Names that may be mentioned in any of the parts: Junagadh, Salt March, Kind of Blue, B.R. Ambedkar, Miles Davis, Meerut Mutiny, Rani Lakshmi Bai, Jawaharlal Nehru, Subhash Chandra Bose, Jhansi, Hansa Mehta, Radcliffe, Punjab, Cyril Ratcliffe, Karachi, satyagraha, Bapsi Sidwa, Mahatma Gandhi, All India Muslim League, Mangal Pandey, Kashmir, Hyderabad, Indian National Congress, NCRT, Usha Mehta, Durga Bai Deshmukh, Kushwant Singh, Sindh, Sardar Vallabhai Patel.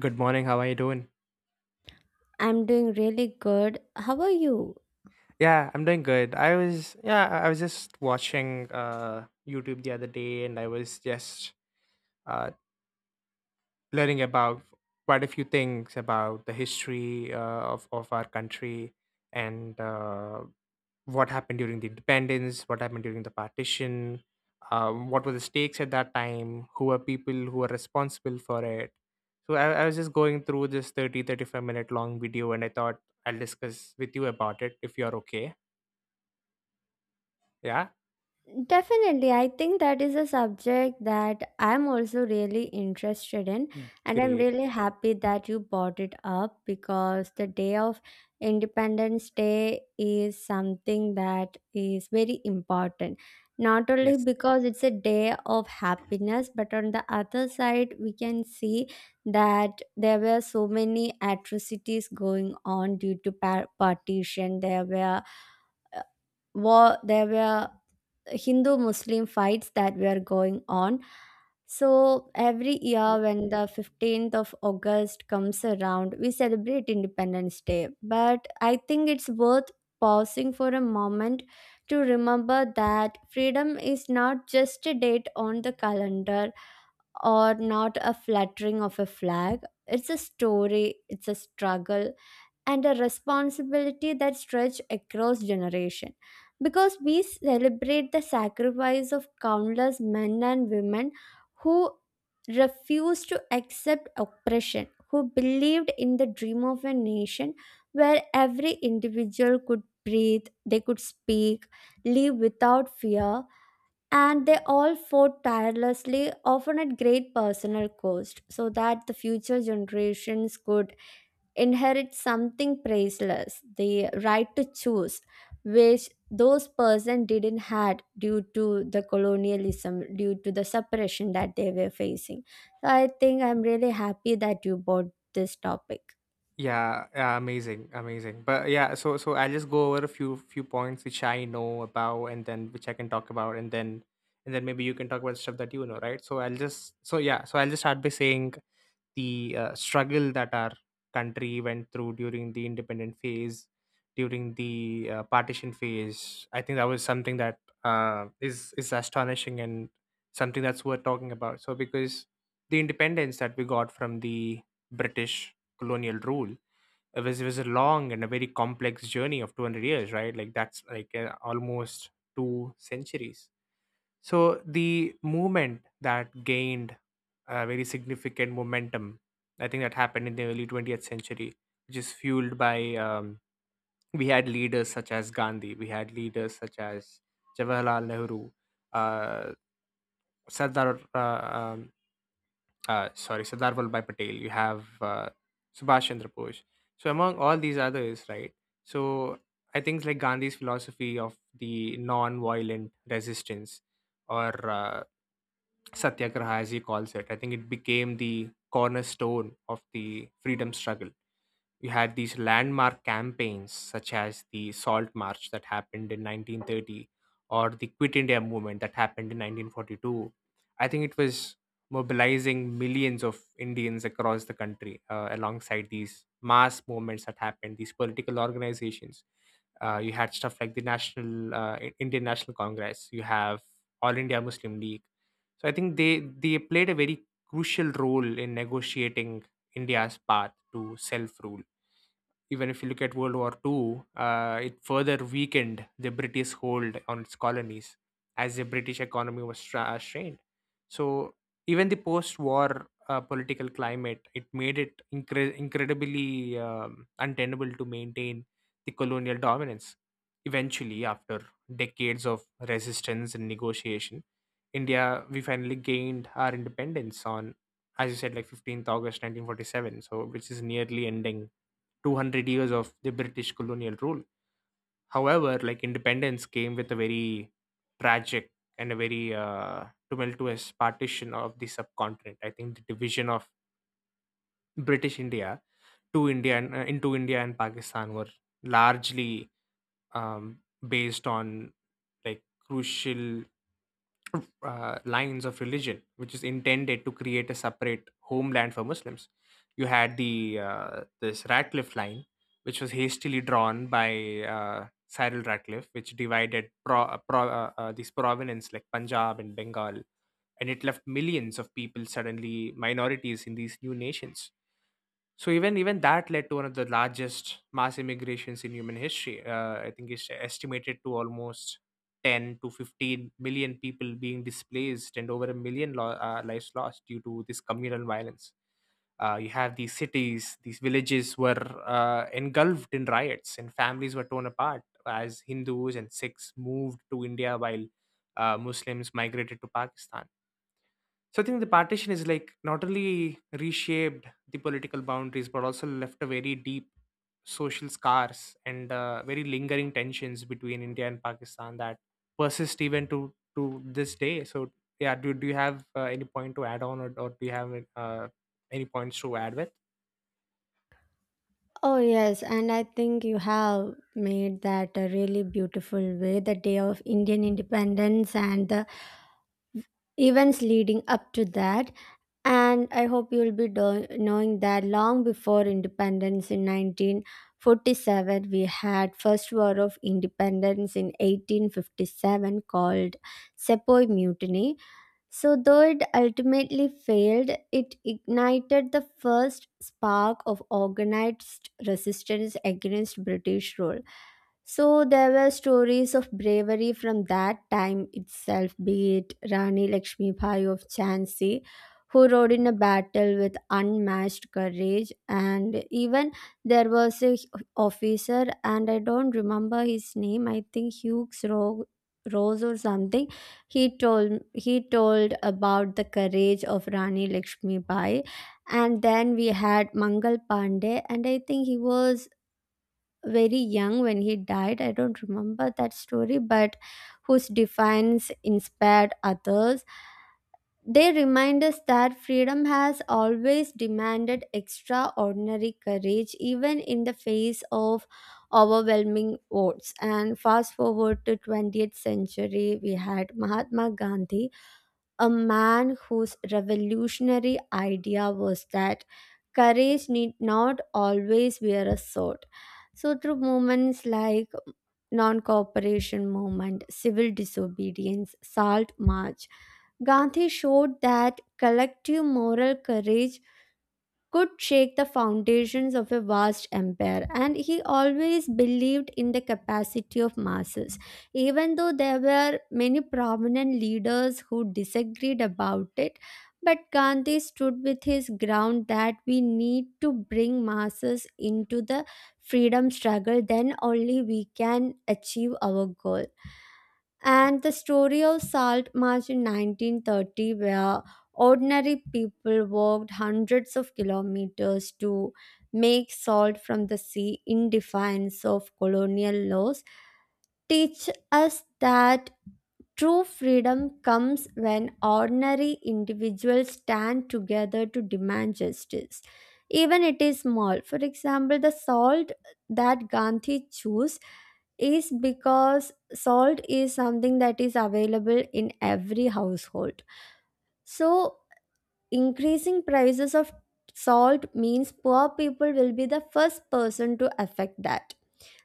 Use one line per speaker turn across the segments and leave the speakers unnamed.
Good morning. How are you doing?
I'm doing really good. How are you?
Yeah, I'm doing good. I was just watching YouTube the other day and I was just uh learning about quite a few things about the history of our country, and what happened during the independence, what happened during the partition, what were the stakes at that time, who were people who were responsible for it. So I was just going through this 30 to 35 minute long video, and I thought I'll discuss with you about it if you're okay. Ya.
Definitely, I think that is a subject that I'm also really interested in,
Mmm.
and
Kiri,
I'm really happy that you brought it up because the day of Independence Day is something that is very important. Not only
yes.
because it's a day of happiness, but on the other side, we can see that there were so many atrocities going on due to partition. There were uh, war, there were Hindu Muslim fights that were going on. So every year when the 15th of August comes around, we celebrate Independence Day, but I think it's worth pausing for a moment to remember that freedom is not just a date on the calendar or not a fluttering of a flag. It's a story, it's a struggle, and a responsibility that stretch across generation, because we celebrate the sacrifice of countless men and women who refused to accept oppression, who believed in the dream of a nation where every individual could breathe, they could speak, live without fear. And they all fought tirelessly, often at great personal cost, so that the future generations could inherit something priceless, the right to choose, which those person didn't had due to the colonialism, due to the suppression that they were facing. So I think I'm really happy that you brought this topic.
Yeah, amazing. But yeah, so I'll just go over a few points which I know about and then which I can talk about, and then maybe you can talk about stuff that you know, right? So I'll just start by saying the struggle that our country went through during the independent phase, during the partition phase. I think that was something that is astonishing and something that's worth talking about. So because the independence that we got from the British colonial rule, it was a long and a very complex journey of 200 years, right? Like that's like almost two centuries. So the movement that gained a very significant momentum, I think that happened in the early 20th century, which is fueled by we had leaders such as Gandhi, we had leaders such as Jawaharlal Nehru, uh, sardar uh, um, Sardar Vallabhai Patel, you have Subhash Chandra Bose. So among all these others, right? So I think like Gandhi's philosophy of the non-violent resistance, or satyagraha as he calls it, I think it became the cornerstone of the freedom struggle. You had these landmark campaigns such as the salt march that happened in 1930, or the Quit India movement that happened in 1942. I think it was mobilizing millions of Indians across the country. Alongside these mass movements that happened, these political organizations, you had stuff like the Indian National Congress, you have All India Muslim League. So I think they played a very crucial role in negotiating India's path to self rule. Even if you look at World War Two, it further weakened the British hold on its colonies as the British economy was strained. So even the post-war political climate, it made it incredibly untenable to maintain the colonial dominance. Eventually, after decades of resistance and negotiation, India, we finally gained our independence on, as you said, like 15th August 1947. So which is nearly ending 200 years of the British colonial rule. However, like independence came with a very tragic and a very tumultuous partition of the subcontinent. I think the division of British India to india and into India and Pakistan were largely um, based on like crucial lines of religion, which is intended to create a separate homeland for Muslims. You had the this Ratcliffe line, which was hastily drawn by Cyril Ratcliffe, which divided these provinces like Punjab and Bengal, and it left millions of people suddenly minorities in these new nations. So even that led to one of the largest mass immigrations in human history. I think it's estimated to almost 10 to 15 million people being displaced, and over a million lives lost due to this communal violence. You have these cities, these villages were engulfed in riots, and families were torn apart as Hindus and Sikhs moved to India while Muslims migrated to Pakistan. So I think the partition is like not only reshaped the political boundaries, but also left a very deep social scars and very lingering tensions between India and Pakistan that persist even to this day. So yeah, do you have any point to add on, or do you have uh, any points to add with?
Oh yes, and I think you have made that a really beautiful way, the day of Indian independence and the events leading up to that. And I hope you'll be knowing that long before independence in 1947, we had first war of independence in 1857, called Sepoy Mutiny. So though it ultimately failed, it ignited the first spark of organized resistance against British rule. So there were stories of bravery from that time itself, be it Rani Lakshmi Bai of Jhansi, who rode in a battle with unmatched courage, and even there was a officer, and I don't remember his name. I think Hughes Rose or something. He told about the courage of Rani Lakshmi Bai, and then we had Mangal Pandey, and I think he was very young when he died. I don't remember that story, but whose defiance inspired others. They remind us that freedom has always demanded extraordinary courage, even in the face of overwhelming odds. And fast forward to 20th century, we had Mahatma Gandhi, a man whose revolutionary idea was that courage need not always wear a sword. So through movements like non-cooperation movement, civil disobedience, salt march, Gandhi showed that collective moral courage could shake the foundations of a vast empire, and he always believed in the capacity of masses. Even though there were many prominent leaders who disagreed about it, but Gandhi stood with his ground that we need to bring masses into the freedom struggle, then only we can achieve our goal. And the story of Salt March in 1930, where ordinary people walked hundreds of kilometers to make salt from the sea in defiance of colonial laws, teach us that true freedom comes when ordinary individuals stand together to demand justice. Even it is small. For example, the salt that Gandhi chose is because salt is something that is available in every household. So, increasing prices of salt means poor people will be the first person to affect that.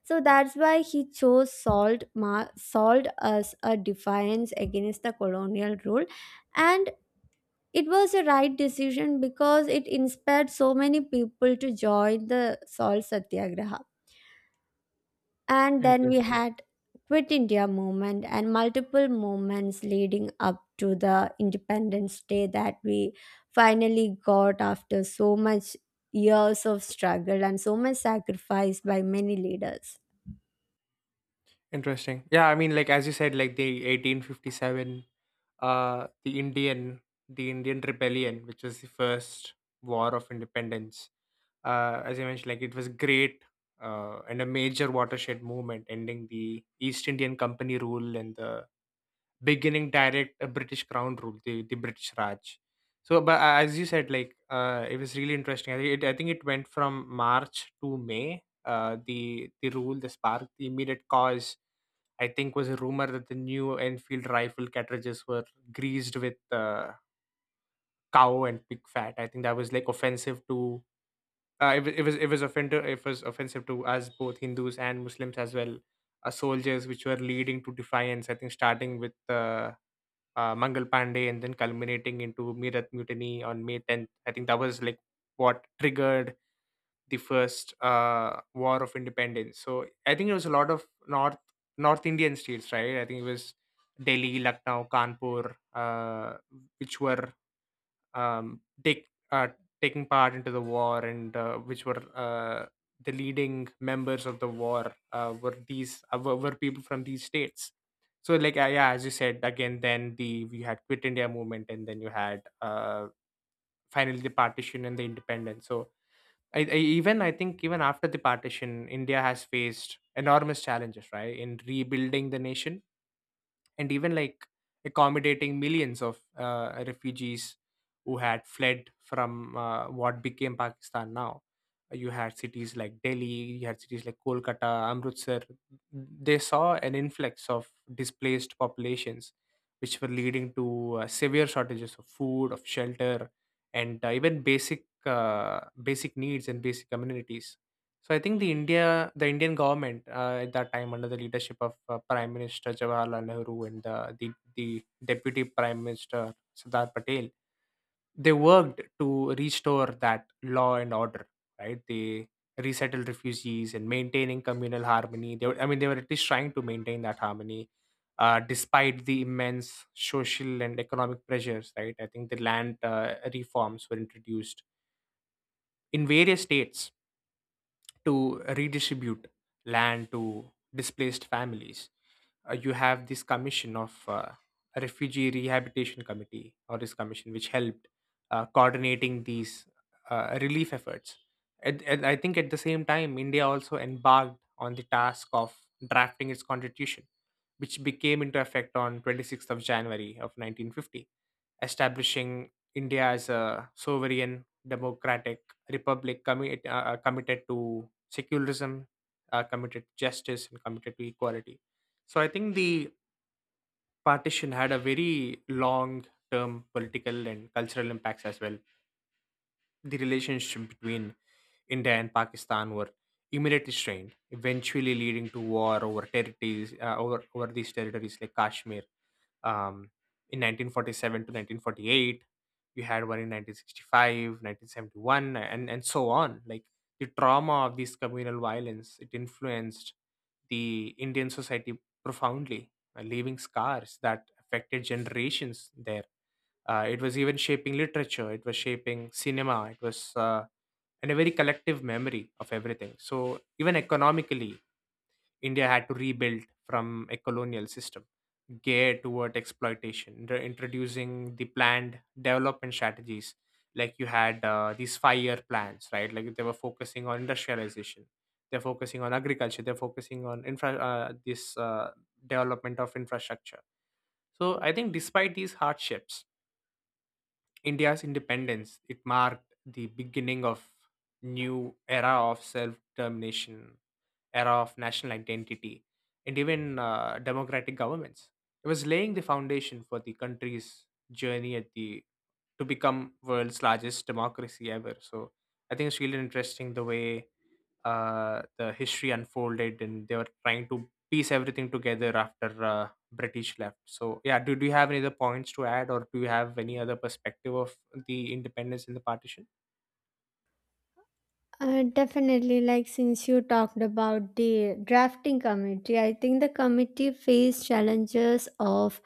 So that's why he chose salt as a defiance against the colonial rule. And it was a right decision because it inspired so many people to join the salt satyagraha. And then we
Interesting.
had Quit India movement and multiple movements leading up to the Independence Day that we finally got after so much years of struggle and so much sacrifice by many leaders.
Interesting. Yeah, I mean, like as you said, like the 1857, uh, the Indian, the Indian Rebellion, which was the first war of independence, as I mentioned, like it was great and a major watershed movement, ending the East Indian Company rule and the beginning direct British Crown rule, the British Raj. So, but as you said, like it was really interesting. I think it went from March to May. The rule, the spark, the immediate cause, I think, was a rumor that the new Enfield rifle cartridges were greased with cow and pig fat. I think that was like offensive to it was offensive to us, both Hindus and Muslims as well. Soldiers which were leading to defiance. I think starting with Mangal Pandey and then culminating into Meerut Mutiny on May 10th. I think that was like what triggered the first War of Independence. So I think it was a lot of North Indian states, right? I think it was Delhi, Lucknow, Kanpur, which were take taking part into the war, and which were the leading members of the war were these were people from these states. So like yeah, as you said again, then the we had Quit India movement, and then you had finally the partition and the independence. So I think even after the partition, India has faced enormous challenges, right, in rebuilding the nation and even like accommodating millions of refugees who had fled from what became Pakistan now. You had cities like Delhi, you had cities like Kolkata, Amritsar. They saw an influx of displaced populations, which were leading to severe shortages of food, of shelter, and even basic basic needs and basic amenities. So I think the Indian government at that time, under the leadership of Prime Minister Jawaharlal Nehru and the Deputy Prime Minister Sardar Patel, they worked to restore that law and order. Right, they resettled refugees and maintaining communal harmony. They, were, I mean, they were at least trying to maintain that harmony, despite the immense social and economic pressures. Right, I think the land reforms were introduced in various states to redistribute land to displaced families. You have this commission of a refugee rehabilitation committee, or this commission which helped coordinating these relief efforts. And I think at the same time, India also embarked on the task of drafting its constitution, which became into effect on 26th of January of 1950, establishing India as a sovereign democratic republic committed to secularism, committed to justice, and committed to equality. So I think the partition had a very long term political and cultural impacts as well. The relationship between India and Pakistan were immediately strained, eventually leading to war over territories, over these territories like Kashmir um, in 1947 to 1948. You had one in 1965, 1971, and so on. Like the trauma of this communal violence, it influenced the Indian society profoundly, leaving scars that affected generations there. Uh, it was even shaping literature, it was shaping cinema, it was and a very collective memory of everything. So even economically, India had to rebuild from a colonial system geared toward exploitation, introducing the planned development strategies. Like you had these five-year plans, right? Like they were focusing on industrialization, they're focusing on agriculture, they're focusing on infra this development of infrastructure. So I think despite these hardships, India's independence, it marked the beginning of new era of self determination, era of national identity, and even democratic governments. It was laying the foundation for the country's journey at the to become world's largest democracy ever. So I think it's really interesting the way the history unfolded, and they were trying to piece everything together after British left. So yeah, do you have any other points to add, or do you have any other perspective of the independence in the partition?
Definitely, like, since you talked about the drafting committee, I think the committee faced challenges of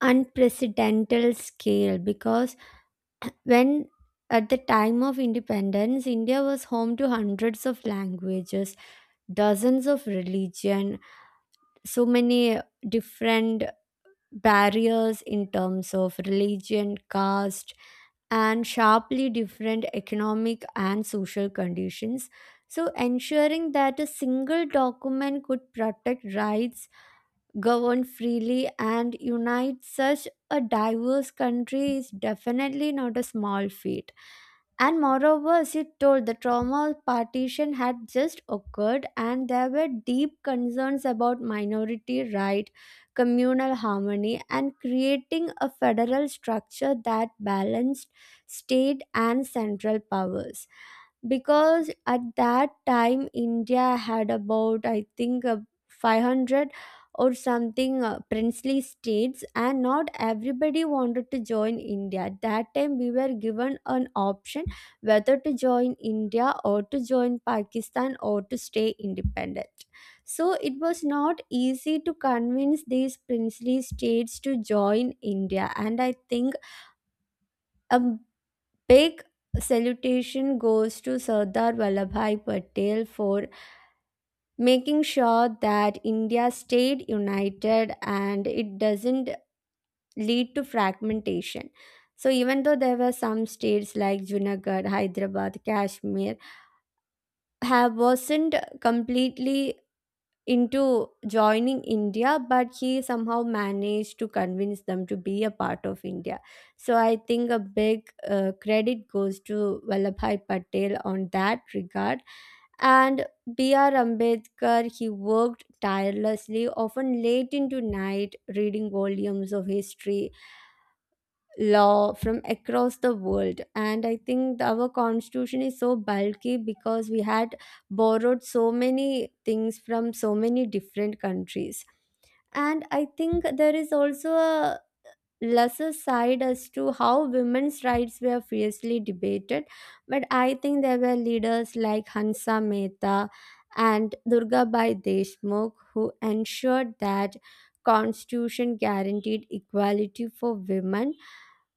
unprecedented scale, because when at the time of independence, India was home to hundreds of languages, dozens of religion, so many different barriers in terms of religion, caste, and sharply different economic and social conditions. So ensuring that a single document could protect rights, govern freely, and unite such a diverse country is definitely not a small feat. And moreover, as you told, the trauma partition had just occurred and there were deep concerns about minority right, communal harmony, and creating a federal structure that balanced state and central powers, because at that time India had about, I think, 500 or something princely states, and not everybody wanted to join India. At that time we were given an option whether to join India or to join Pakistan or to stay independent. So it was not easy to convince these princely states to join India, and I think a big salutation goes to Sardar Vallabhai Patel for making sure that India stayed united and it doesn't lead to fragmentation. So even though there were some states like Junagadh, Hyderabad, Kashmir have wasn't completely into joining India, but he somehow managed to convince them to be a part of India. So I think a big credit goes to Vallabhai Patel on that regard. And B.R. Ambedkar, he worked tirelessly, often late into night, reading volumes of history, law from across the world. And I think our constitution is so bulky because we had borrowed so many things from so many different countries. And I think there is also a lesser side as to how women's rights were fiercely debated, but I think there were leaders like Hansa Mehta and Durga Bai Deshmukh who ensured that constitution guaranteed equality for women,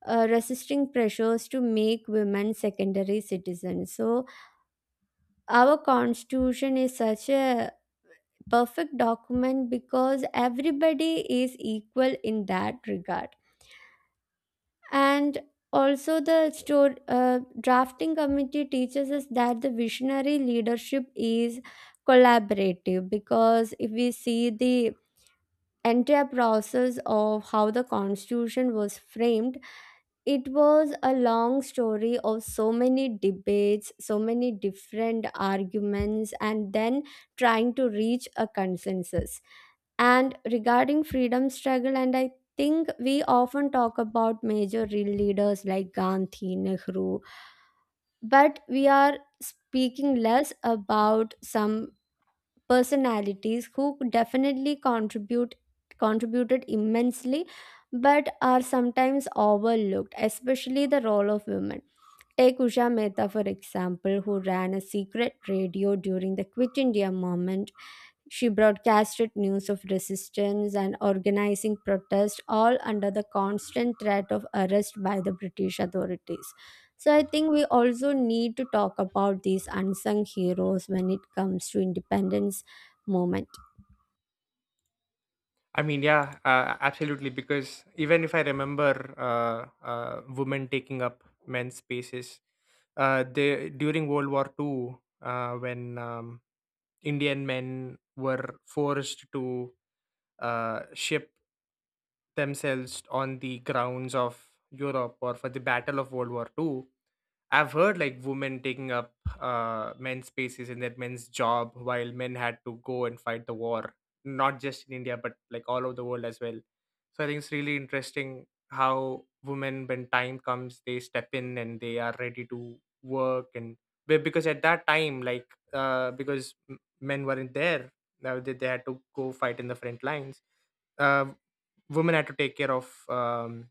resisting pressures to make women secondary citizens. So, our constitution is such a perfect document because everybody is equal in that regard. And also, the drafting committee teaches us that the visionary leadership is collaborative, because if we see the entire process of how the constitution was framed, it was a long story of so many debates, so many different arguments, and then trying to reach a consensus. And regarding freedom struggle, and I think we often talk about major real leaders like Gandhi, Nehru, but we are speaking less about some personalities who definitely contributed immensely but are sometimes overlooked, especially the role of women. Take Usha Mehta, for example, who ran a secret radio during the Quit India movement. She broadcasted news of resistance and organizing protest, all under the constant threat of arrest by the British authorities. So, I think we also need to talk about these unsung heroes when it comes to independence movement.
I mean, yeah, absolutely. Because even if I remember women taking up men's spaces, they during World War Two, when Indian men were forced to ship themselves on the grounds of Europe or for the Battle of World War 2, I've heard like women taking up men's spaces in their men's job while men had to go and fight the war, not just in India, but like all over the world as well. So I think it's really interesting how women, when time comes, they step in and they are ready to work. And because at that time, like, because men weren't there, now they had to go fight in the front lines. Uh, Women had to take care of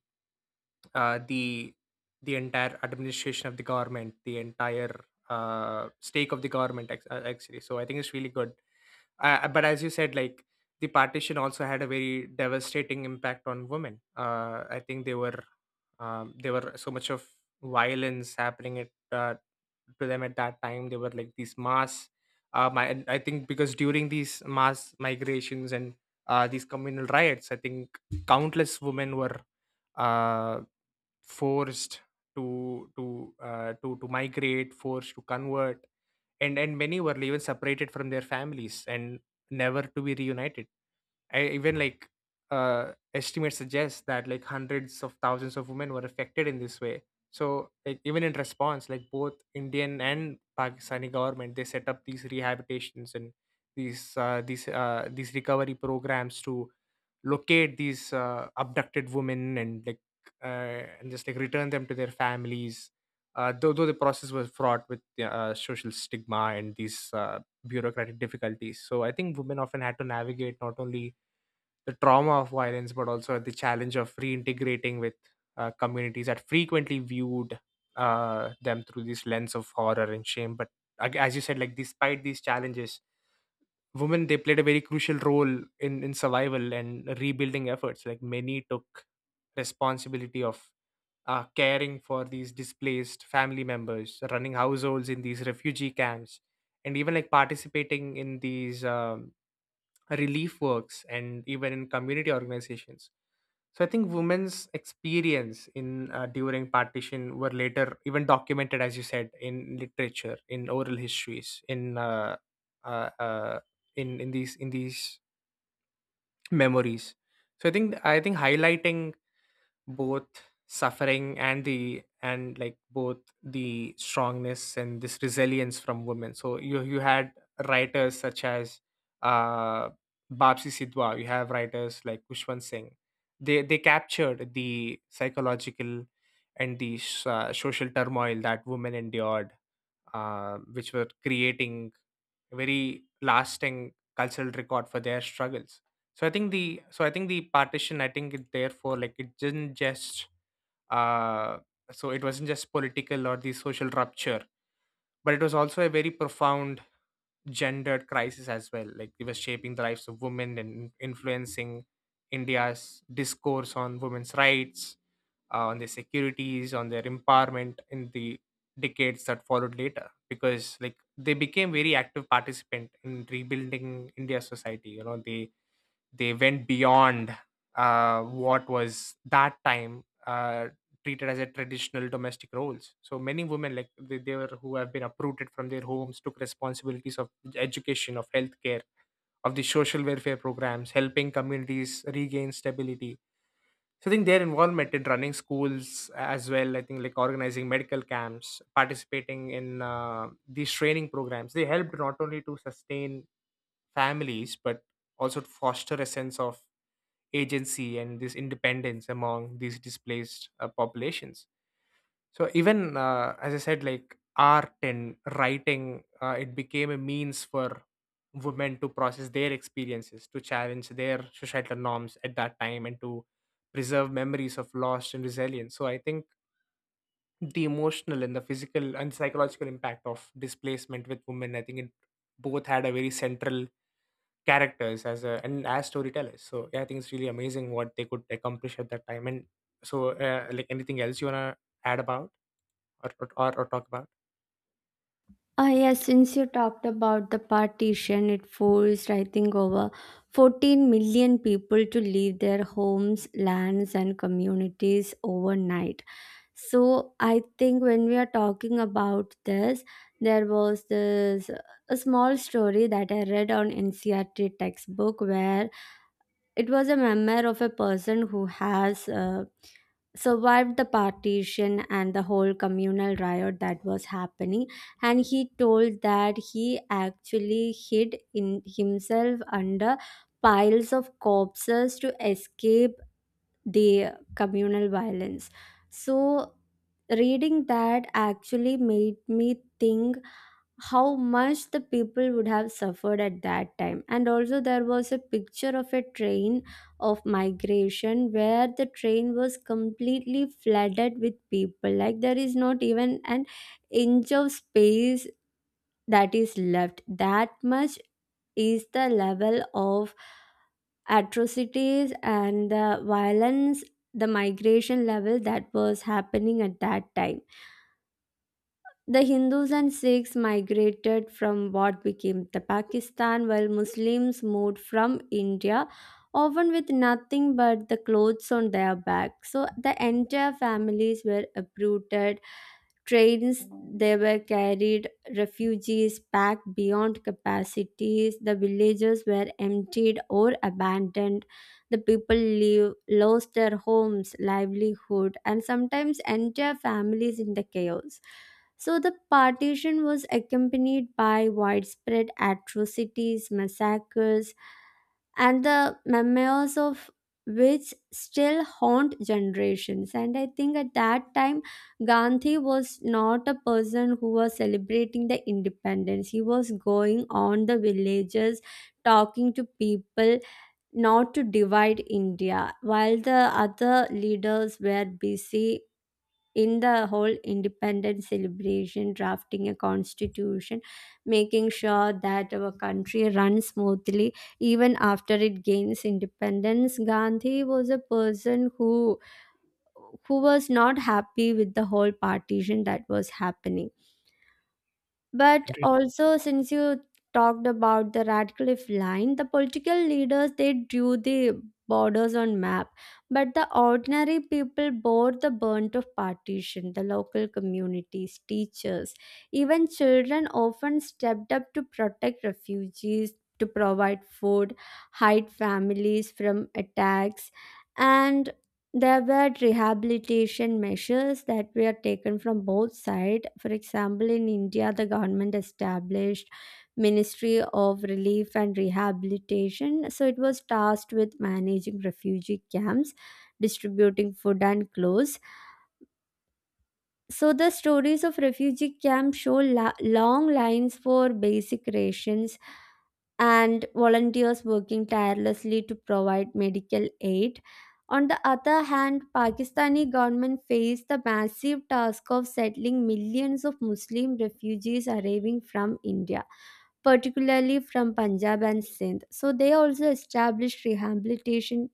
uh, the the entire administration of the government, the entire stake of the government actually. So I think it's really good. But as you said, like the partition also had a very devastating impact on women. I think they were there were so much of violence happening at to them at that time. They were like these mass. And I think because during these mass migrations and these communal riots, I think countless women were uh, forced to migrate, forced to convert, and many were even separated from their families and never to be reunited. I, even like Estimates suggest that like hundreds of thousands of women were affected in this way. So like even in response, like both Indian and Pakistani government they set up these rehabilitations and these recovery programs to locate these abducted women, and just like return them to their families. Though the process was fraught with, yeah, social stigma and these bureaucratic difficulties. So I think women often had to navigate not only the trauma of violence, but also the challenge of reintegrating with communities that frequently viewed them through this lens of horror and shame. But as you said, like despite these challenges, women they played a very crucial role in survival and rebuilding efforts. Like many took responsibility of caring for these displaced family members, running households in these refugee camps, and even like participating in these relief works and even in community organizations. So I think women's experience in during partition were later even documented, as you said, in literature, in oral histories, uh, uh, in these memories. So I think highlighting both suffering and the and like both the strongness and this resilience from women. So you had writers such as uh Babsi Sidwa, you have writers like Kushwant Singh. They captured the psychological and the social turmoil that women endured, which were creating a very lasting cultural record for their struggles. So I think the partition, I think it therefore like it didn't just uh, it wasn't just political or the social rupture, but it was also a very profound gendered crisis as well. Like it was shaping the lives of women and influencing India's discourse on women's rights, on their securities, on their empowerment in the decades that followed later. Because like they became very active participant in rebuilding India's society. You know, they went beyond what was that time treated as a traditional domestic roles. So many women like they were who have been uprooted from their homes took responsibilities of education, of healthcare, of the social welfare programs, helping communities regain stability. So I think their involvement in running schools as well, I think like organizing medical camps, participating in these training programs, they helped not only to sustain families but also to foster a sense of agency and this independence among these displaced populations. So even as I said, like art and writing, it became a means for women to process their experiences, to challenge their societal norms at that time, and to preserve memories of loss and resilience. So I think the emotional and the physical and psychological impact of displacement with women, I think it both had a very central characters as a, and as storytellers. So yeah, I think it's really amazing what they could accomplish at that time. And so, like anything else you wanna add about, or talk about?
Ah yes, since you talked about the partition, it forced, I think, over 14 million people to leave their homes, lands, and communities overnight. So I think when we are talking about this, there was this a small story that I read on NCRT textbook, where it was a memoir of a person who has survived the partition and the whole communal riot that was happening, and he told that he actually hid in himself under piles of corpses to escape the communal violence. So, reading that actually made me think how much the people would have suffered at that time. And also, there was a picture of a train of migration where the train was completely flooded with people. Like, there is not even an inch of space that is left. That much is the level of atrocities and the violence, the migration level that was happening at that time. The Hindus and Sikhs migrated from what became the Pakistan, while Muslims moved from India, often with nothing but the clothes on their back. So the entire families were uprooted, trains they were carried, refugees packed beyond capacities, the villages were emptied or abandoned, the people live, lost their homes, livelihood, and sometimes entire families in the chaos. So the partition was accompanied by widespread atrocities, massacres, and the memoirs of which still haunt generations. And I think at that time, Gandhi was not a person who was celebrating the independence. He was going on the villages, talking to people, not to divide India, while the other leaders were busy in the whole independence celebration, drafting a constitution, making sure that our country runs smoothly even after it gains independence. Gandhi was a person who was not happy with the whole partition that was happening. But
Interesting.
also, since you talked about the Radcliffe line, the political leaders they drew the borders on map, but the ordinary people bore the burnt of partition. The local communities, teachers, even children often stepped up to protect refugees, to provide food, hide families from attacks, and there were rehabilitation measures that were taken from both sides. For example, in India, the government established Ministry of Relief and Rehabilitation. So it was tasked with managing refugee camps, distributing food and clothes. So the stories of refugee camps show long lines for basic rations and volunteers working tirelessly to provide medical aid. On the other hand, Pakistani government faced the massive task of settling millions of Muslim refugees arriving from India, particularly from Punjab and Sindh. So they also established rehabilitation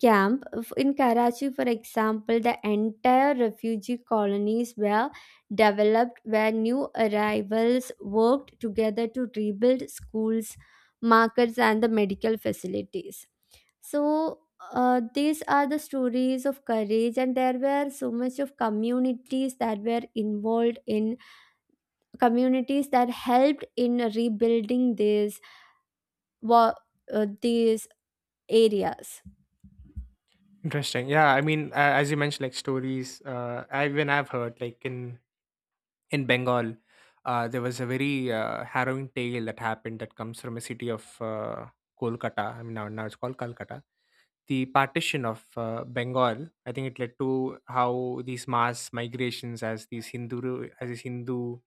camp. In Karachi, for example, the entire refugee colonies were developed where new arrivals worked together to rebuild schools, markets, and the medical facilities. So, these are the stories of courage, and there were so much of communities that were involved in communities that helped in rebuilding these wa- these areas.
Interesting. Yeah, I mean, as you mentioned, like stories. I even I've heard like in Bengal, there was a very harrowing tale that happened that comes from a city of Kolkata. I mean, now it's called Calcutta. The partition of Bengal, I think it led to how these mass migrations as these Hindu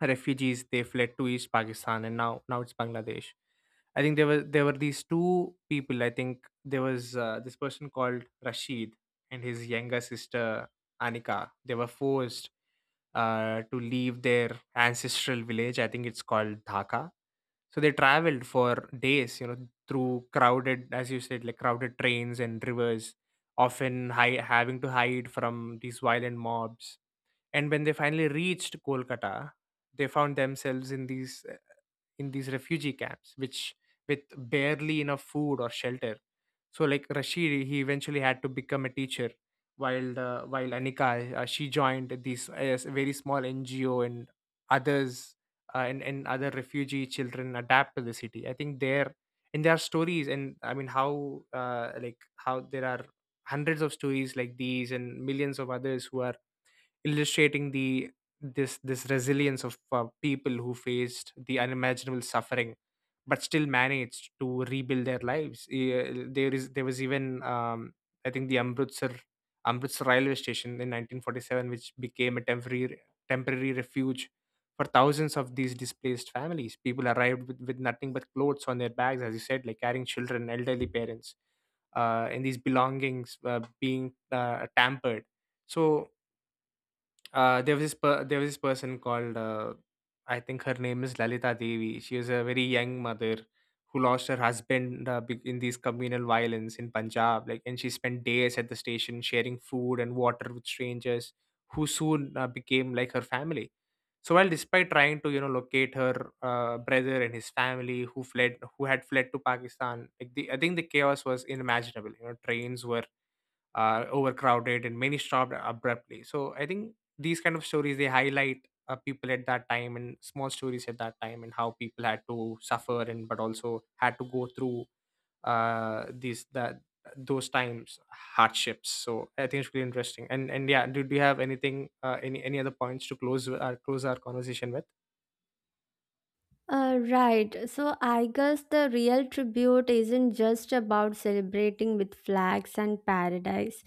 refugees they fled to East Pakistan, and now it's Bangladesh. I think there were these two people. I think there was this person called Rashid and his younger sister Anika. They were forced to leave their ancestral village. I think it's called Dhaka. So they traveled for days, you know, through crowded, as you said, like crowded trains and rivers, often having to hide from these violent mobs. And when they finally reached Kolkata, they found themselves in these refugee camps, which with barely enough food or shelter. So like Rashid he eventually had to become a teacher, while the while Anika, she joined this very small NGO and others, and other refugee children adapt to the city. I think there and there are stories. And I mean how, like how there are hundreds of stories like these and millions of others who are illustrating the this resilience of people who faced the unimaginable suffering but still managed to rebuild their lives. There is there was even I think the Amritsar railway station in 1947, which became a temporary refuge for thousands of these displaced families. People arrived with nothing but clothes on their bags, as you said, like carrying children, elderly parents, and these belongings being tampered. So there was this person called I think her name is Lalita Devi. She was a very young mother who lost her husband in these communal violence in Punjab. Like, and she spent days at the station sharing food and water with strangers who soon became like her family. So while despite trying to, you know, locate her brother and his family who had fled to Pakistan, like I think the chaos was unimaginable. You know, trains were are overcrowded and many stopped abruptly. So I think these kind of stories they highlight people at that time and small stories at that time, and how people had to suffer and but also had to go through these that those times hardships. So I think it's really interesting. And yeah, do you have anything, any other points to close our conversation with?
Right. So I guess the real tribute isn't just about celebrating with flags and paradise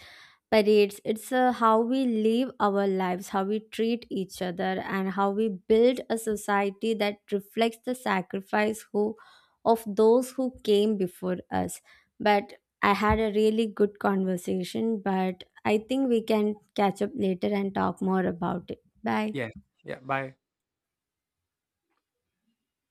parades. It's how we live our lives, how we treat each other, and how we build a society that reflects the sacrifice who of those who came before us. But I had a really good conversation. But I think we can catch up later and talk more about it. Bye.
Yeah. Yeah. Bye.